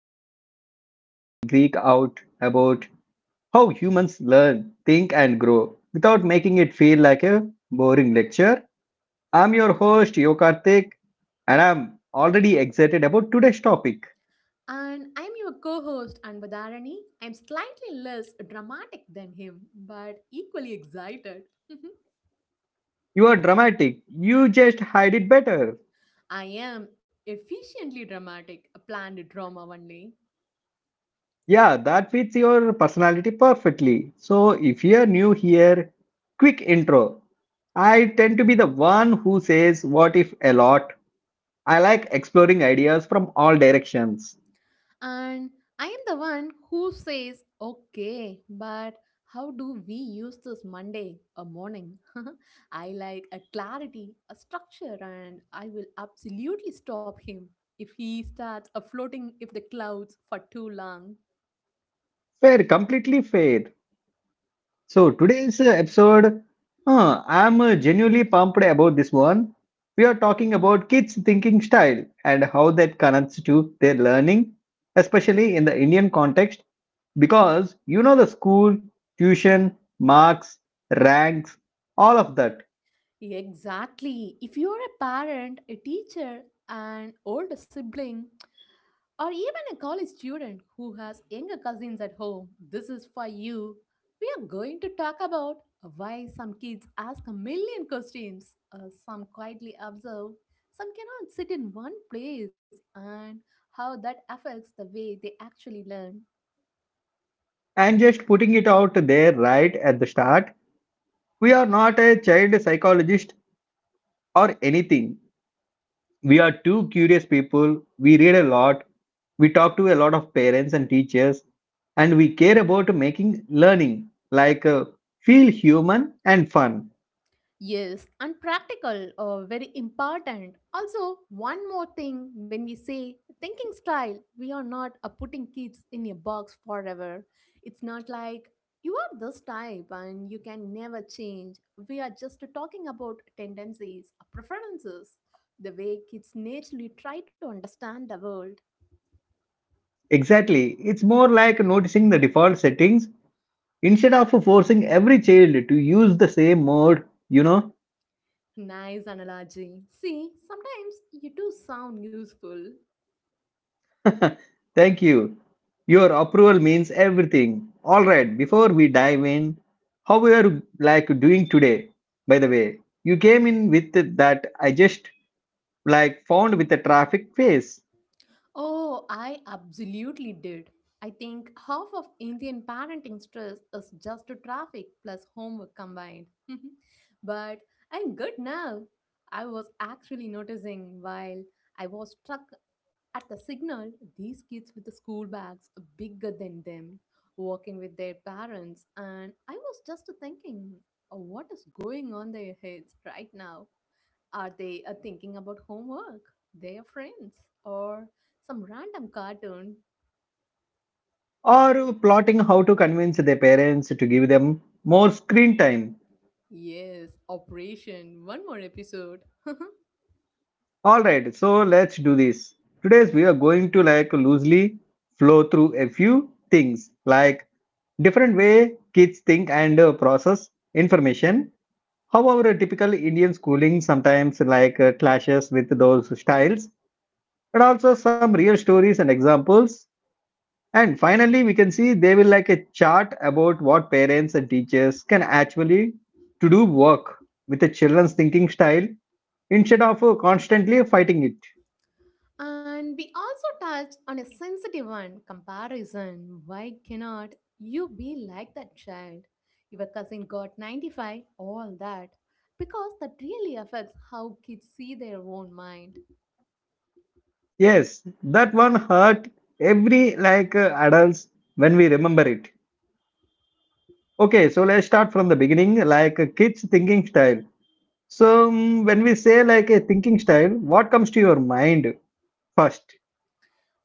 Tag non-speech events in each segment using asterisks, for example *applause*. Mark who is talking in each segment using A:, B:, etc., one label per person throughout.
A: the podcast where we geek out about how humans learn, think, and grow without making it feel like a boring lecture. I'm your host, Yo Yokarthik, and I'm already excited about today's topic.
B: And I'm your co host, Anvadarani. I'm slightly less dramatic than him, but equally excited. *laughs*
A: You are dramatic, you just hide it better.
B: I am efficiently dramatic, a planned drama only.
A: Yeah, that fits your personality perfectly. So if you're new here, quick intro. I tend to be the one who says what if a lot. I like exploring ideas from all directions.
B: And I am the one who says, okay, but how do we use this Monday, a morning? *laughs* I like a clarity, a structure, and I will absolutely stop him if he starts a floating if the clouds for too long.
A: Fair, completely fair. So today's episode, I'm genuinely pumped about this one. We are talking about kids' thinking style and how that connects to their learning, especially in the Indian context, because you know the school, tuition, marks, ranks, all of that.
B: Exactly. If you're a parent, a teacher, an older sibling, or even a college student who has younger cousins at home, this is for you. We are going to talk about why some kids ask a million questions, some quietly observe, some cannot sit in one place, and how that affects the way they actually learn.
A: And just putting it out there right at the start, we are not a child psychologist or anything. We are two curious people. We read a lot. We talk to a lot of parents and teachers, and we care about making learning like feel human and fun.
B: Yes, and practical, very important. Also, one more thing when we say thinking style, we are not putting kids in a box forever. It's not like you are this type and you can never change. We are just talking about tendencies, preferences, the way kids naturally try to understand the world.
A: Exactly. It's more like noticing the default settings instead of forcing every child to use the same mode, you know.
B: Nice analogy. See, sometimes you do sound useful.
A: *laughs* Thank you. Your approval means everything. All right, before we dive in, how we are like doing today? By the way, you came in with that I just like found with a traffic face.
B: Oh, I absolutely did. I think half of Indian parenting stress is just to traffic plus homework combined. *laughs* But I'm good now. I was actually noticing while I was stuck at the signal these kids with the school bags bigger than them walking with their parents, and I was just thinking, "Oh, what is going on their heads right now? Are they thinking about homework, their friends, or some random cartoon?"
A: Or plotting how to convince their parents to give them more screen time.
B: Yes, Operation, one more episode. *laughs*
A: All right, so let's do this. Today's we are going to like loosely flow through a few things like different way kids think and process information, how our typical Indian schooling sometimes like clashes with those styles, but also some real stories and examples. And finally, we can see they will like a chart about what parents and teachers can actually to do work with the children's thinking style instead of constantly fighting it.
B: And we also touched on a sensitive one, comparison. Why cannot you be like that child? Your cousin got 95, all that. Because that really affects how kids see their own mind.
A: Yes, that one hurt every like adults when we remember it. Okay, so let's start from the beginning, like kids thinking style. So when we say like a thinking style, what comes to your mind first?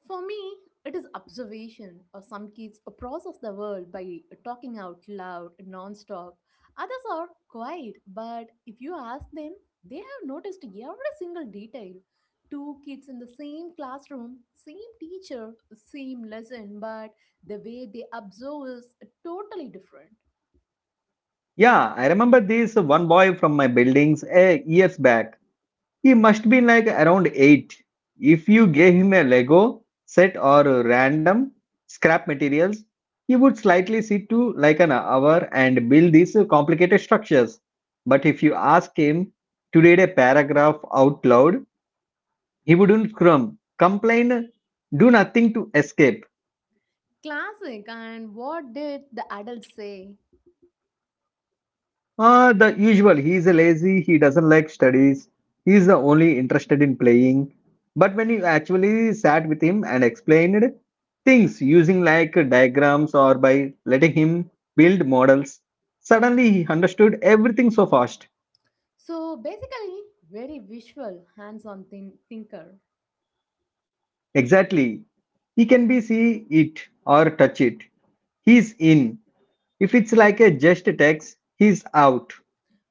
B: For me, it is observation, or some kids process the world by talking out loud non-stop. Others are quiet, but if you ask them, they have noticed every single detail. Two kids in the same classroom, same teacher, same lesson, but the way they observe is totally different.
A: Yeah, I remember this one boy from my buildings a years back. He must be like around 8. If you gave him a Lego set or random scrap materials, he would slightly sit to like an hour and build these complicated structures. But if you ask him to read a paragraph out loud, he wouldn't crumb, complain, do nothing to escape.
B: Classic, and what did the adults say?
A: The usual. He is lazy, he doesn't like studies. He is the only interested in playing. But when you actually sat with him and explained things using like diagrams or by letting him build models, suddenly he understood everything so fast.
B: So basically, very visual, hands-on thinker.
A: Exactly. He can be see it or touch it. He's in. If it's like a just text, he's out.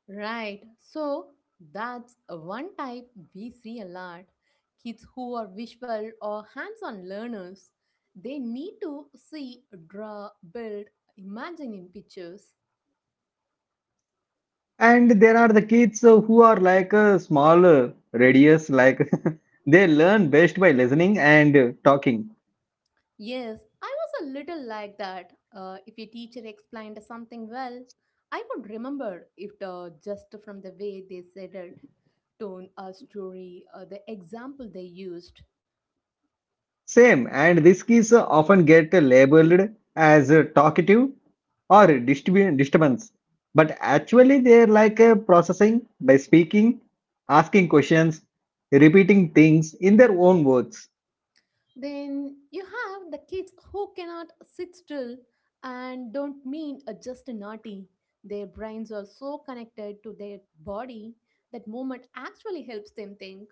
B: Right. So that's one type we see a lot. Kids who are visual or hands on learners, they need to see, draw, build, imagine in pictures.
A: And there are the kids who are like a small radius, like *laughs* they learn best by listening and talking.
B: Yes, I was a little like that. If a teacher explained something well, I would remember it just from the way they said it, tone, a story, the example they used.
A: Same, and these kids often get labeled as talkative or disturbance. But actually, they're like processing by speaking, asking questions, repeating things in their own words.
B: Then you have the kids who cannot sit still and don't mean a just naughty. Their brains are so connected to their body that movement actually helps them think.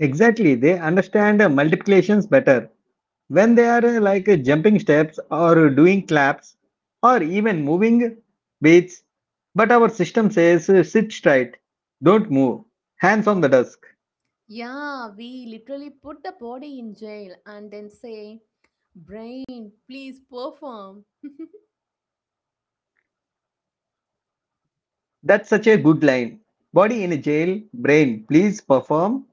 A: Exactly, they understand multiplications better when they are jumping steps or doing claps or even moving weights. But our system says sit straight, don't move, hands on the desk.
B: Yeah, we literally put the body in jail and then say, Brain, please perform. *laughs*
A: That's such a good line, body in a jail brain please perform.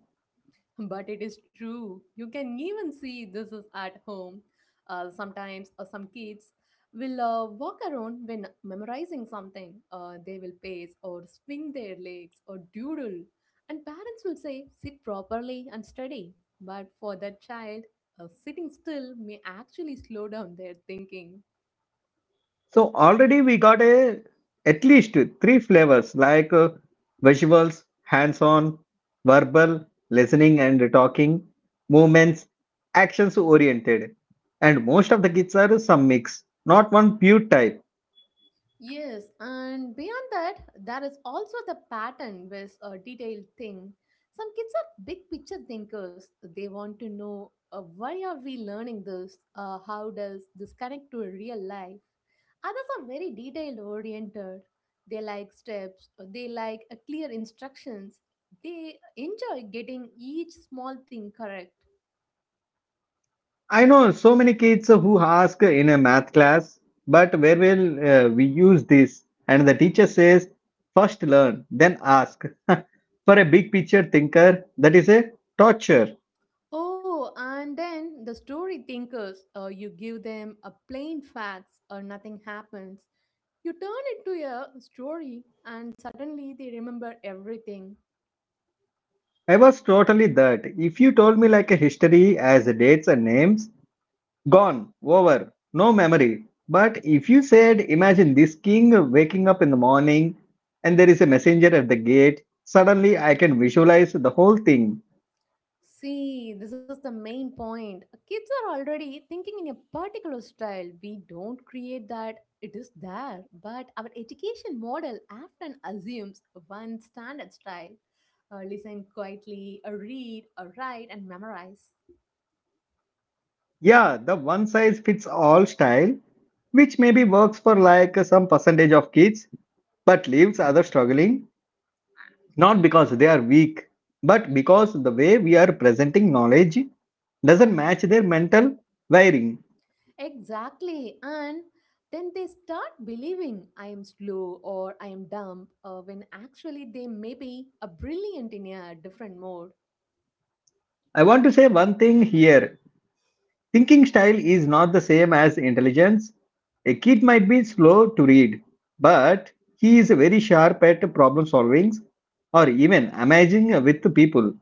B: But it is true. You can even see this is at home. Sometimes some kids will walk around when memorizing something. They will pace or swing their legs or doodle. And parents will say, sit properly and study. But for that child, sitting still may actually slow down their thinking.
A: So already we got a at least three flavors like visuals, hands-on, verbal, listening and talking, movements, actions oriented. And most of the kids are some mix, not one pure type.
B: Yes, and beyond that, there is also the pattern with a detailed thing. Some kids are big picture thinkers. They want to know why are we learning this? How does this connect to real life? Others are very detail oriented. They like steps, they like clear instructions. They enjoy getting each small thing correct.
A: I know so many kids who ask in a math class, but where will we use this? And the teacher says, first learn, then ask. *laughs* For a big picture thinker, that is a torture.
B: Oh, and then the story thinkers, you give them a plain facts or nothing happens. You turn it to a story and suddenly they remember everything.
A: I was totally that. If you told me like a history as dates and names, gone, over, no memory. But if you said, imagine this king waking up in the morning and there is a messenger at the gate, suddenly I can visualize the whole thing.
B: See, this is the main point. Kids are already thinking in a particular style. We don't create that, it is there. But our education model often assumes one standard style. Listen quietly, read, write, and memorize.
A: Yeah, the one size fits all style, which maybe works for like some percentage of kids, but leaves others struggling. Not because they are weak, but because the way we are presenting knowledge doesn't match their mental wiring.
B: Exactly. And then they start believing I am slow or I am dumb when actually they may be a brilliant in a different mode.
A: I want to say one thing here, thinking style is not the same as intelligence. A kid might be slow to read, but he is very sharp at problem solving or even amazing with people.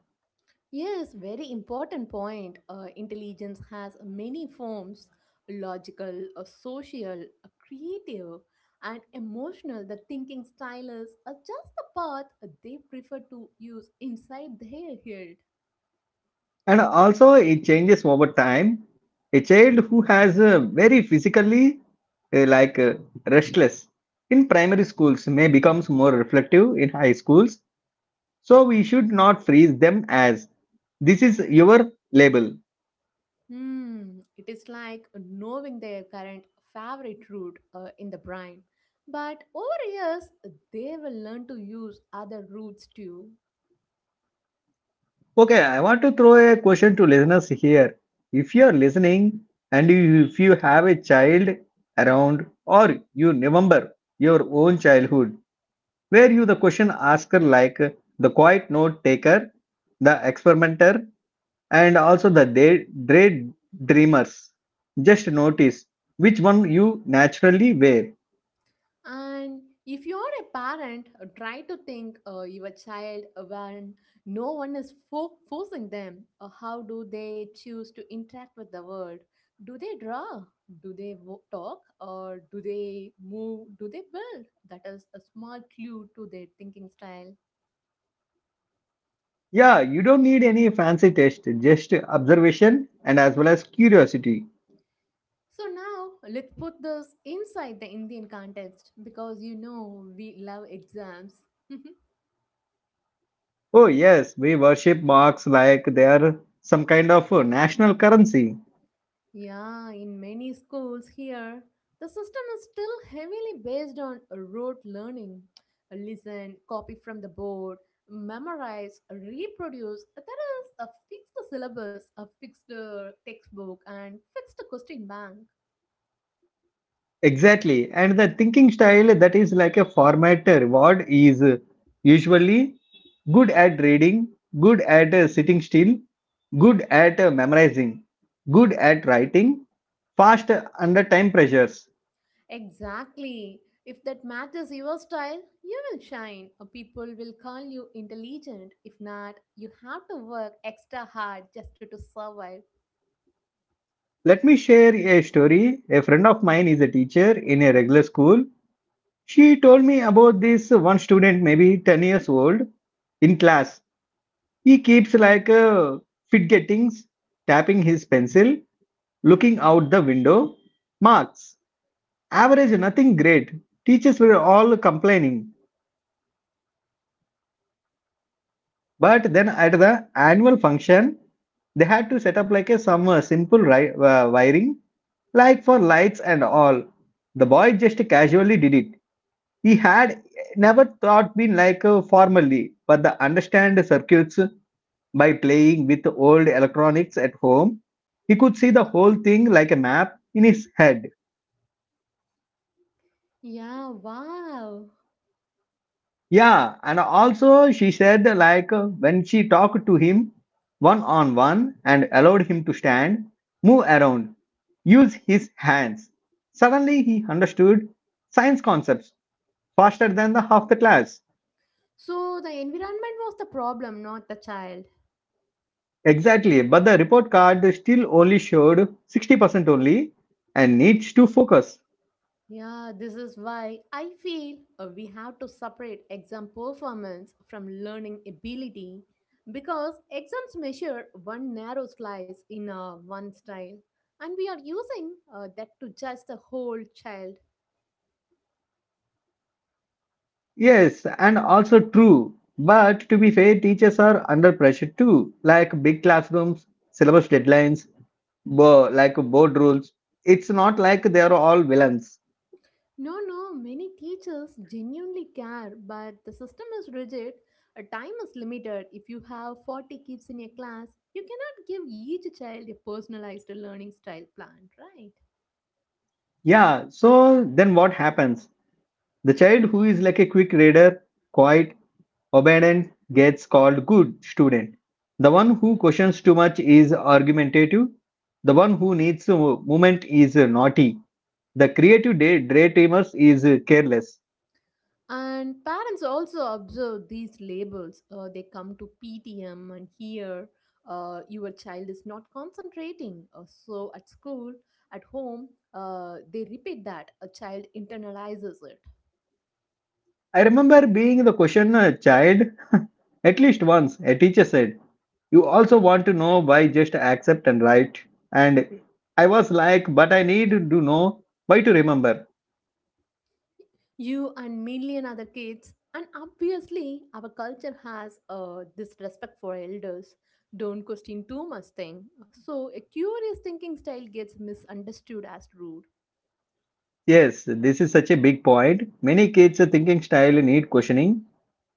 B: Yes, very important point. Intelligence has many forms logical, social, creative, and emotional. The thinking style is just the path they prefer to use inside their head.
A: And also, it changes over time. A child who has a very physically uh, like uh, restless in primary schools may becomes more reflective in high schools. So we should not freeze them as this is your label.
B: Hmm, it is like knowing their current favorite route in the brain. But over years, they will learn to use other routes too.
A: Okay, I want to throw a question to listeners here. If you are listening and if you have a child around or you remember your own childhood, were you the question asker like the quiet note taker, the experimenter, and also the day, day dreamers. Just notice which one you naturally wear.
B: And if you're a parent, try to think your child when no one is forcing them. How do they choose to interact with the world? Do they draw? Do they talk? Or do they move? Do they build? That is a small clue to their thinking style.
A: Yeah, you don't need any fancy test, just observation and as well as curiosity.
B: So now let's put this inside the Indian context because you know we love exams.
A: Oh, yes, we worship marks like they are some kind of national currency.
B: *laughs* Yeah, in many schools here, the system is still heavily based on rote learning. Listen, copy from the board, memorize, reproduce. There is a fixed syllabus, a fixed textbook, and fixed question bank.
A: Exactly. And the thinking style that is like a formatter. What is usually good at reading, good at sitting still, good at memorizing, good at writing, fast under time pressures.
B: Exactly. If that matches your style, you will shine. People will call you intelligent. If not, you have to work extra hard just to survive.
A: Let me share a story. A friend of mine is a teacher in a regular school. She told me about this one student, maybe 10 years old, in class. He keeps like fidgetings, tapping his pencil, looking out the window, marks, average nothing great. Teachers were all complaining. But then at the annual function, they had to set up like a some simple wiring, like for lights and all. The boy just casually did it. He had never thought been like formally, but the understand circuits by playing with old electronics at home. He could see the whole thing like a map in his head.
B: Yeah, wow.
A: Yeah, and also she said like when she talked to him one on one and allowed him to stand, move around, use his hands. Suddenly he understood science concepts faster than the half the class.
B: So the environment was the problem, not the child.
A: Exactly, but the report card still only showed 60% only and needs to focus.
B: Yeah, this is why I feel we have to separate exam performance from learning ability because exams measure one narrow slice in one style, and we are using that to judge the whole child.
A: Yes, and also true. But to be fair, teachers are under pressure too, like big classrooms, syllabus deadlines, like board rules. It's not like they are all villains.
B: No, no, many teachers genuinely care, but the system is rigid. A time is limited. If you have 40 kids in your class, you cannot give each child a personalized learning style plan, right?
A: Yeah, so then what happens? The child who is like a quick reader, quiet, obedient gets called good student. The one who questions too much is argumentative. The one who needs a moment is naughty. The creative daydreamers is careless.
B: And parents also observe these labels. They come to PTM and hear your child is not concentrating. So at school, at home, they repeat that. A child internalizes it.
A: I remember being the questioner child *laughs* at least once. A teacher said, you also want to know why just accept and write. And I was like, but I need to know why to remember.
B: You and million other kids, and obviously our culture has this respect for elders, don't question too much thing, so a curious thinking style gets misunderstood as rude.
A: Yes, this is such a big point. Many kids' thinking style need questioning.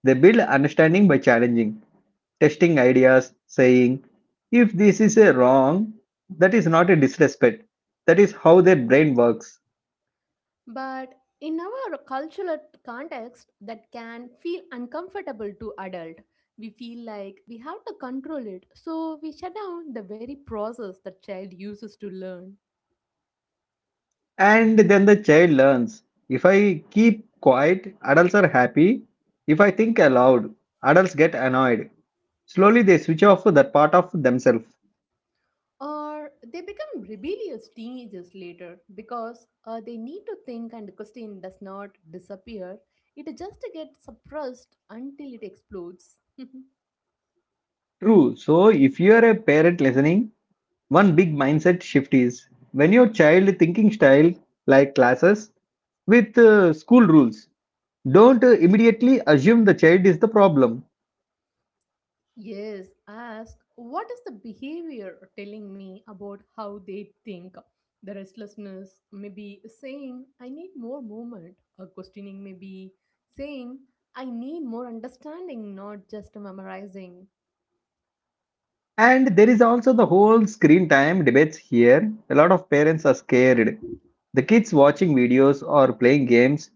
A: They build understanding by challenging, testing ideas, saying, if this is a wrong, that is not a disrespect. That is how their brain works.
B: But in our cultural context that can feel uncomfortable to adult. We feel like we have to control it, so we shut down the very process the child uses to learn.
A: And then the child learns if I keep quiet, adults are happy. If I think aloud, adults get annoyed. Slowly, they switch off that part of themselves.
B: Or they become rebellious teenagers later because they need to think and the question does not disappear, it just gets suppressed until it explodes. *laughs*
A: True. So, if you are a parent listening, one big mindset shift is when your child thinking style like classes with school rules, don't immediately assume the child is the problem.
B: Yes, ask what is the behavior telling me about how they think. The restlessness may be saying I need more movement, or questioning may be saying I need more understanding, not just memorizing.
A: And there is also the whole screen time debates here. A lot of parents are scared. The kids watching videos or playing games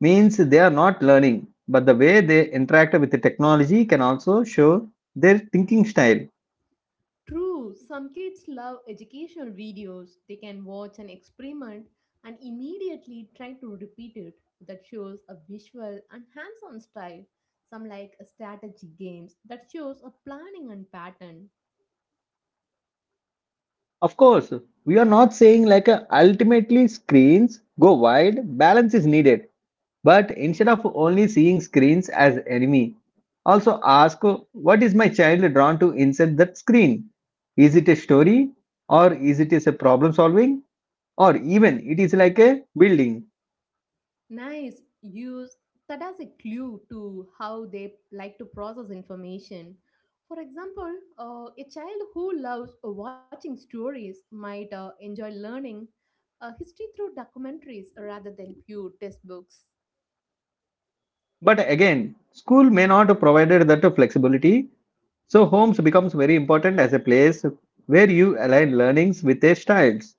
A: means they are not learning, but the way they interact with the technology can also show their thinking style.
B: True, some kids love educational videos. They can watch an experiment and immediately try to repeat it. That shows a visual and hands on style. Some like strategy games that shows a planning and pattern.
A: Of course, we are not saying like ultimately screens go wide, balance is needed. But instead of only seeing screens as enemy, also ask what is my child drawn to inside that screen? Is it a story or is it is a problem solving or even it is like a building?
B: Nice, use that as a clue to how they like to process information. For example, a child who loves watching stories might enjoy learning history through documentaries rather than pure textbooks.
A: But again, school may not provided that flexibility, so homes becomes very important as a place where you align learnings with their styles.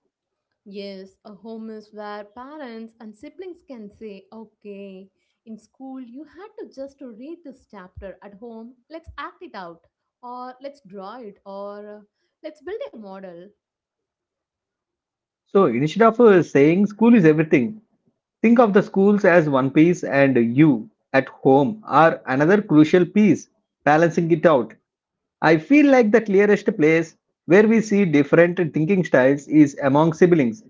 B: Yes, a home is where parents and siblings can say, okay, in school you had to just to read this chapter. At home, let's act it out, or let's draw it, or let's build a model.
A: So instead of saying school is everything, think of the schools as one piece and you at home are another crucial piece, balancing it out. I feel like the clearest place where we see different thinking styles is among siblings.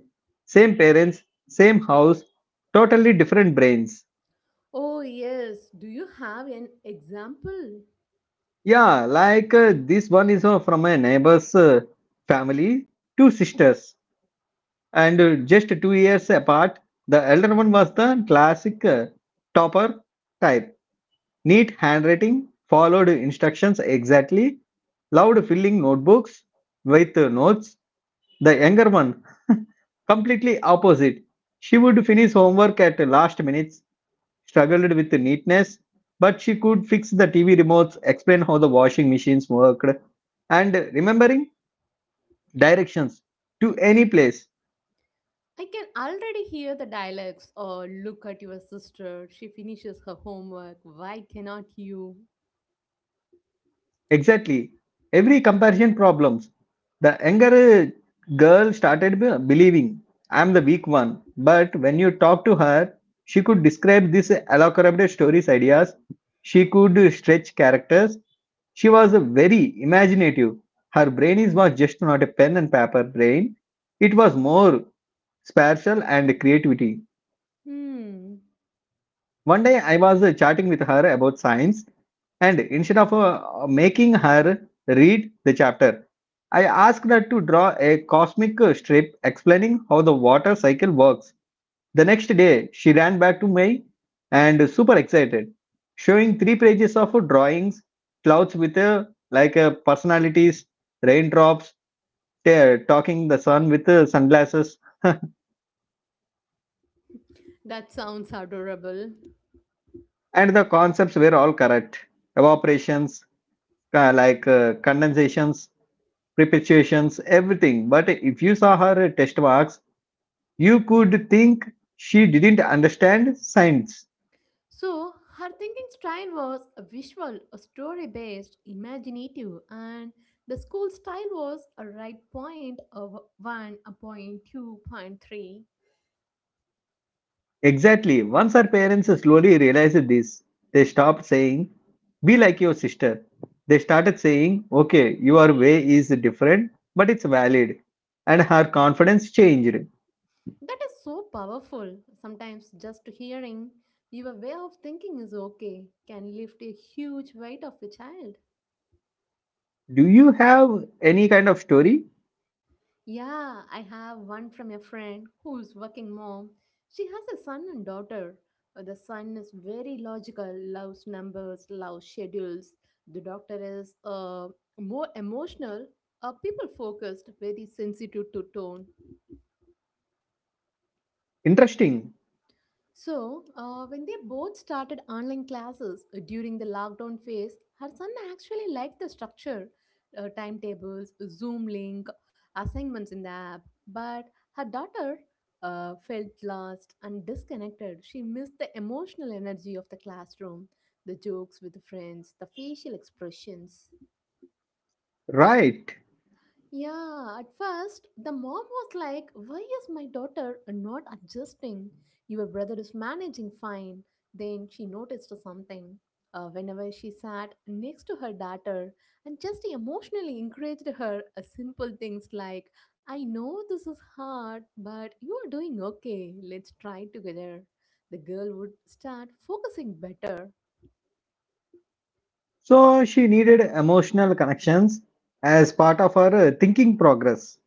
A: Same parents, same house, totally different brains.
B: Oh, yes. Do you have an example?
A: Yeah, like this one is from a neighbor's family, two sisters and just 2 years apart. The elder one was the classic topper type, neat handwriting, followed instructions exactly, loved filling notebooks with notes. The younger one, *laughs* completely opposite. She would finish homework at last minutes, struggled with neatness, but she could fix the TV remotes, explain how the washing machines worked, and remembering directions to any place.
B: I can already hear the dialects. Or look at your sister. She finishes her homework. Why cannot you?
A: Exactly. Every comparison problems. The younger girl started believing I'm the weak one. But when you talk to her, she could describe this elaborate stories ideas. She could stretch characters. She was very imaginative. Her brain is was just not a pen and paper brain. It was more spatial and creativity.
B: Hmm.
A: One day I was chatting with her about science. And instead of making her read the chapter, I asked her to draw a cosmic strip explaining how the water cycle works. The next day, she ran back to me and super excited, showing three pages of drawings, clouds with personalities, raindrops, talking the sun with sunglasses, *laughs*
B: That sounds adorable.
A: and the concepts were all correct. Evaporations, condensations, perpetuations, everything. But if you saw her test marks, you could think she didn't understand science.
B: So, her thinking style was a visual, a story based, imaginative, and the school style was a right point of 1, a point 2, point 3.
A: Exactly. Once her parents slowly realized this, they stopped saying, "Be like your sister." They started saying, "Okay, your way is different, but it's valid." And her confidence changed.
B: That is so powerful. Sometimes just hearing your way of thinking is okay can lift a huge weight of a child.
A: Do you have any kind of story?
B: Yeah, I have one from a friend who's working mom. She has a son and daughter. The son is very logical, loves numbers, loves schedules. The daughter is more emotional, people focused, very sensitive to tone.
A: Interesting.
B: So, when they both started online classes during the lockdown phase, her son actually liked the structure, timetables, Zoom link, assignments in the app. But her daughter felt lost and disconnected. She missed the emotional energy of the classroom, the jokes with friends, the facial expressions.
A: Right.
B: Yeah, at first, the mom was like, Why is my daughter not adjusting? Your brother is managing fine. Then she noticed something. Whenever she sat next to her daughter and just emotionally encouraged her, simple things like, I know this is hard, but you are doing okay. Let's try together. The girl would start focusing better.
A: So she needed emotional connections as part of her thinking progress.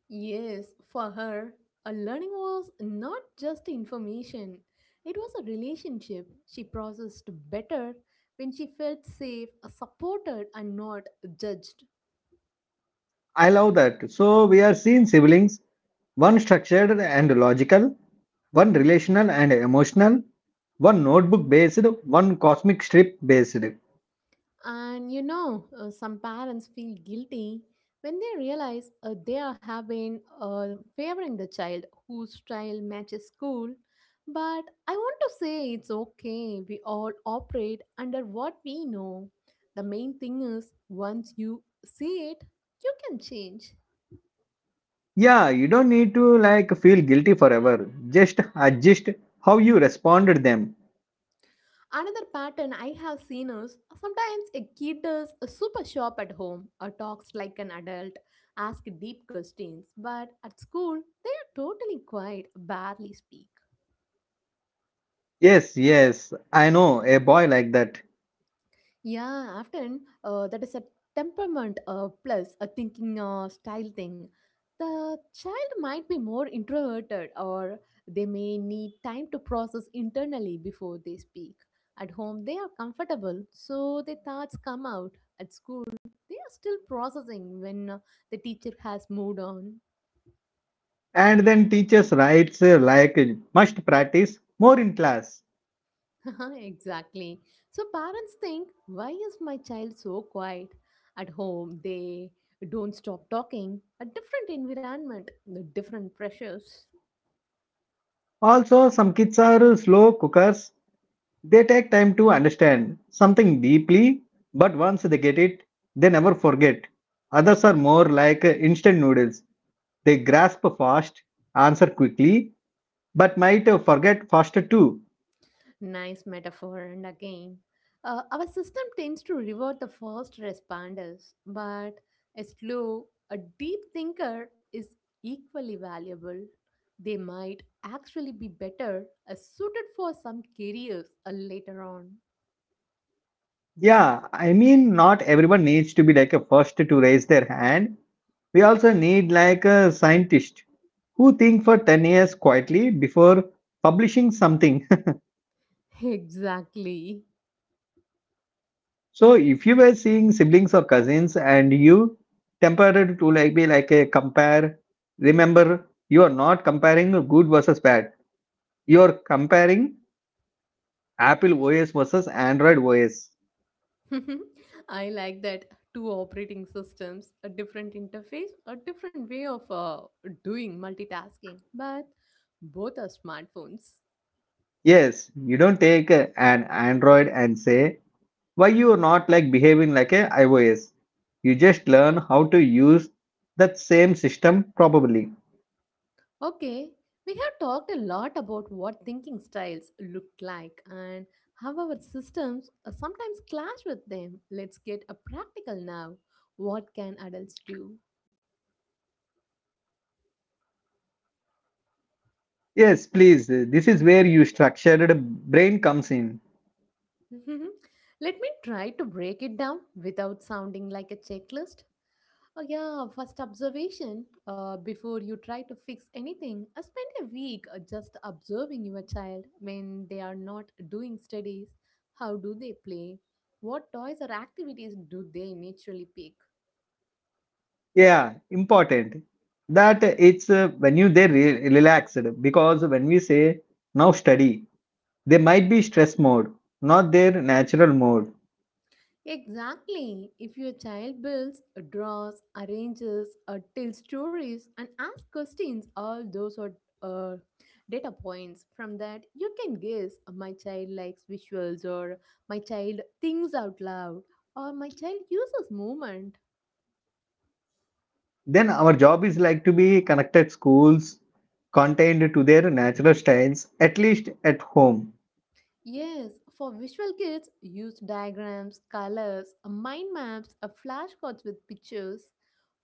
B: Yes, for her, a learning was not just information, it was a relationship. She processed better when she felt safe, supported, and not judged.
A: I love that. So we are seeing siblings, one structured and logical, one relational and emotional, one notebook based, one cosmic strip based.
B: And you know, some parents feel guilty when they realize they are having been favoring the child whose style matches school. But I want to say it's okay. We all operate under what we know. The main thing is once you see it, you can change.
A: Yeah, you don't need to like feel guilty forever. Just adjust how you responded them.
B: Another pattern I have seen is sometimes a kid is super sharp at home or talks like an adult, asks deep questions, but at school they are totally quiet, barely speak.
A: Yes, yes, I know a boy like that.
B: Yeah, often that is a temperament plus a thinking style thing. The child might be more introverted, or they may need time to process internally before they speak. At home, they are comfortable, so their thoughts come out. At school, they are still processing when the teacher has moved on.
A: And then teachers writes must practice more in class.
B: *laughs* Exactly. So parents think, why is my child so quiet? At home, they don't stop talking. A different environment, the different pressures.
A: Also, some kids are slow cookers. They take time to understand something deeply, but once they get it, they never forget. Others are more like instant noodles. They grasp fast, answer quickly, but might forget faster too.
B: Nice metaphor, and again, our system tends to reward the first responders, but a slow, a deep thinker is equally valuable. They might actually be better suited for some careers later on.
A: Yeah, I mean, not everyone needs to be like a first to raise their hand. We also need like a scientist who think for 10 years quietly before publishing something.
B: *laughs* Exactly.
A: So if you were seeing siblings or cousins and you tempered to like be like a compare, remember you are not comparing good versus bad. You are comparing Apple OS versus Android OS.
B: *laughs* I like that, two operating systems, a different interface, a different way of doing multitasking, but both are smartphones.
A: Yes, you don't take an Android and say why you are not like behaving like a iOS. You just learn how to use that same system probably.
B: Okay, we have talked a lot about what thinking styles look like and how our systems sometimes clash with them. Let's get a practical now. What can adults do?
A: Yes, please. This is where you structured brain comes in.
B: *laughs* Let me try to break it down without sounding like a checklist. Oh, yeah, first observation. Before you try to fix anything, spend a week just observing your child when they are not doing studies. How do they play? What toys or activities do they naturally pick?
A: Yeah, important that it's when you they re relaxed because when we say now study, they might be stress mode, not their natural mode.
B: Exactly. If your child builds, draws, arranges, or tells stories and asks questions, all those are uh, data points. From that, you can guess my child likes visuals, or my child thinks out loud, or my child uses movement.
A: Then our job is like to be connected schools contained to their natural styles, at least at home.
B: Yes, for visual kids, use diagrams, colors, mind maps, or flashcards with pictures.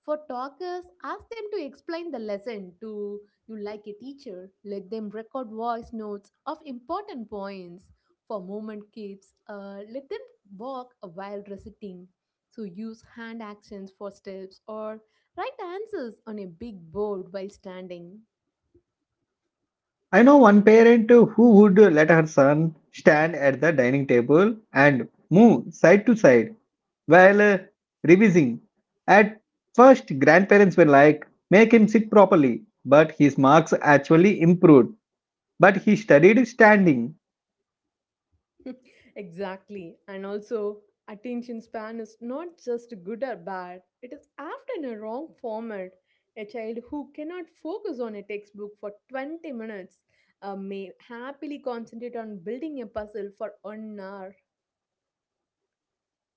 B: For talkers, ask them to explain the lesson to you like a teacher. Let them record voice notes of important points. For movement kids, let them walk while reciting. So use hand actions for steps or write answers on a big board while standing.
A: I know one parent who would let her son stand at the dining table and move side to side while revising. At first, grandparents were like, make him sit properly, but his marks actually improved. But he studied standing,
B: *laughs* Exactly. And also, attention span is not just good or bad, it is often a wrong format. A child who cannot focus on a textbook for 20 minutes may happily concentrate on building a puzzle for 1 hour.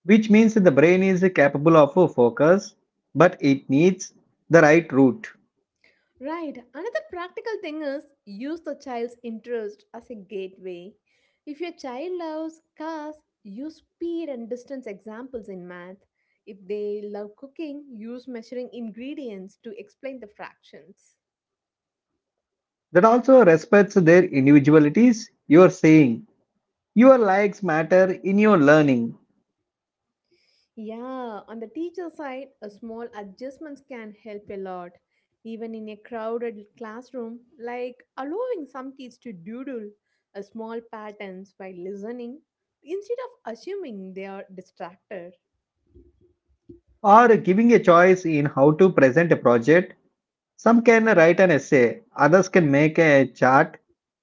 A: which means the brain is capable of a focus, but it needs the right route.
B: Right. Another practical thing is use the child's interest as a gateway. If your child loves cars, use speed and distance examples in math. If they love cooking, use measuring ingredients to explain the fractions.
A: That also respects their individualities. You are saying your likes matter in your learning.
B: Yeah, on the teacher side, a small adjustments can help a lot. Even in a crowded classroom, like allowing some kids to doodle a small patterns while listening instead of assuming they are distracted.
A: Or giving a choice in how to present a project. Some can write an essay, others can make a chart,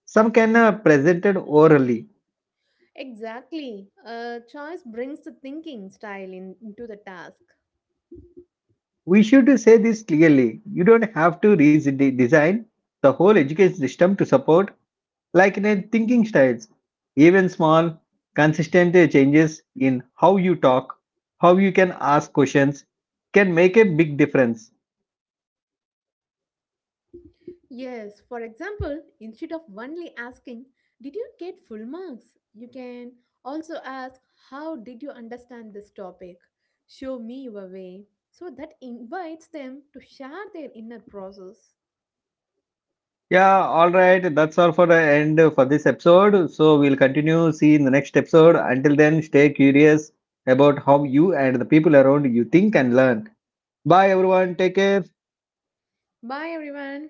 A: some can present it orally.
B: Exactly. Choice brings the thinking style in, into the task.
A: We should say this clearly. You don't have to redesign the whole education system to support like in a thinking styles. Even small, consistent changes in how you talk, how you can ask questions can make a big difference.
B: Yes, for example, instead of only asking, Did you get full marks? You can also ask, How did you understand this topic? Show me your way. So that invites them to share their inner process.
A: Yeah, all right. That's all for the end for this episode. So we'll continue. See you in the next episode. Until then, stay curious about how you and the people around you think and learn. Bye, everyone. Take care.
B: Bye, everyone.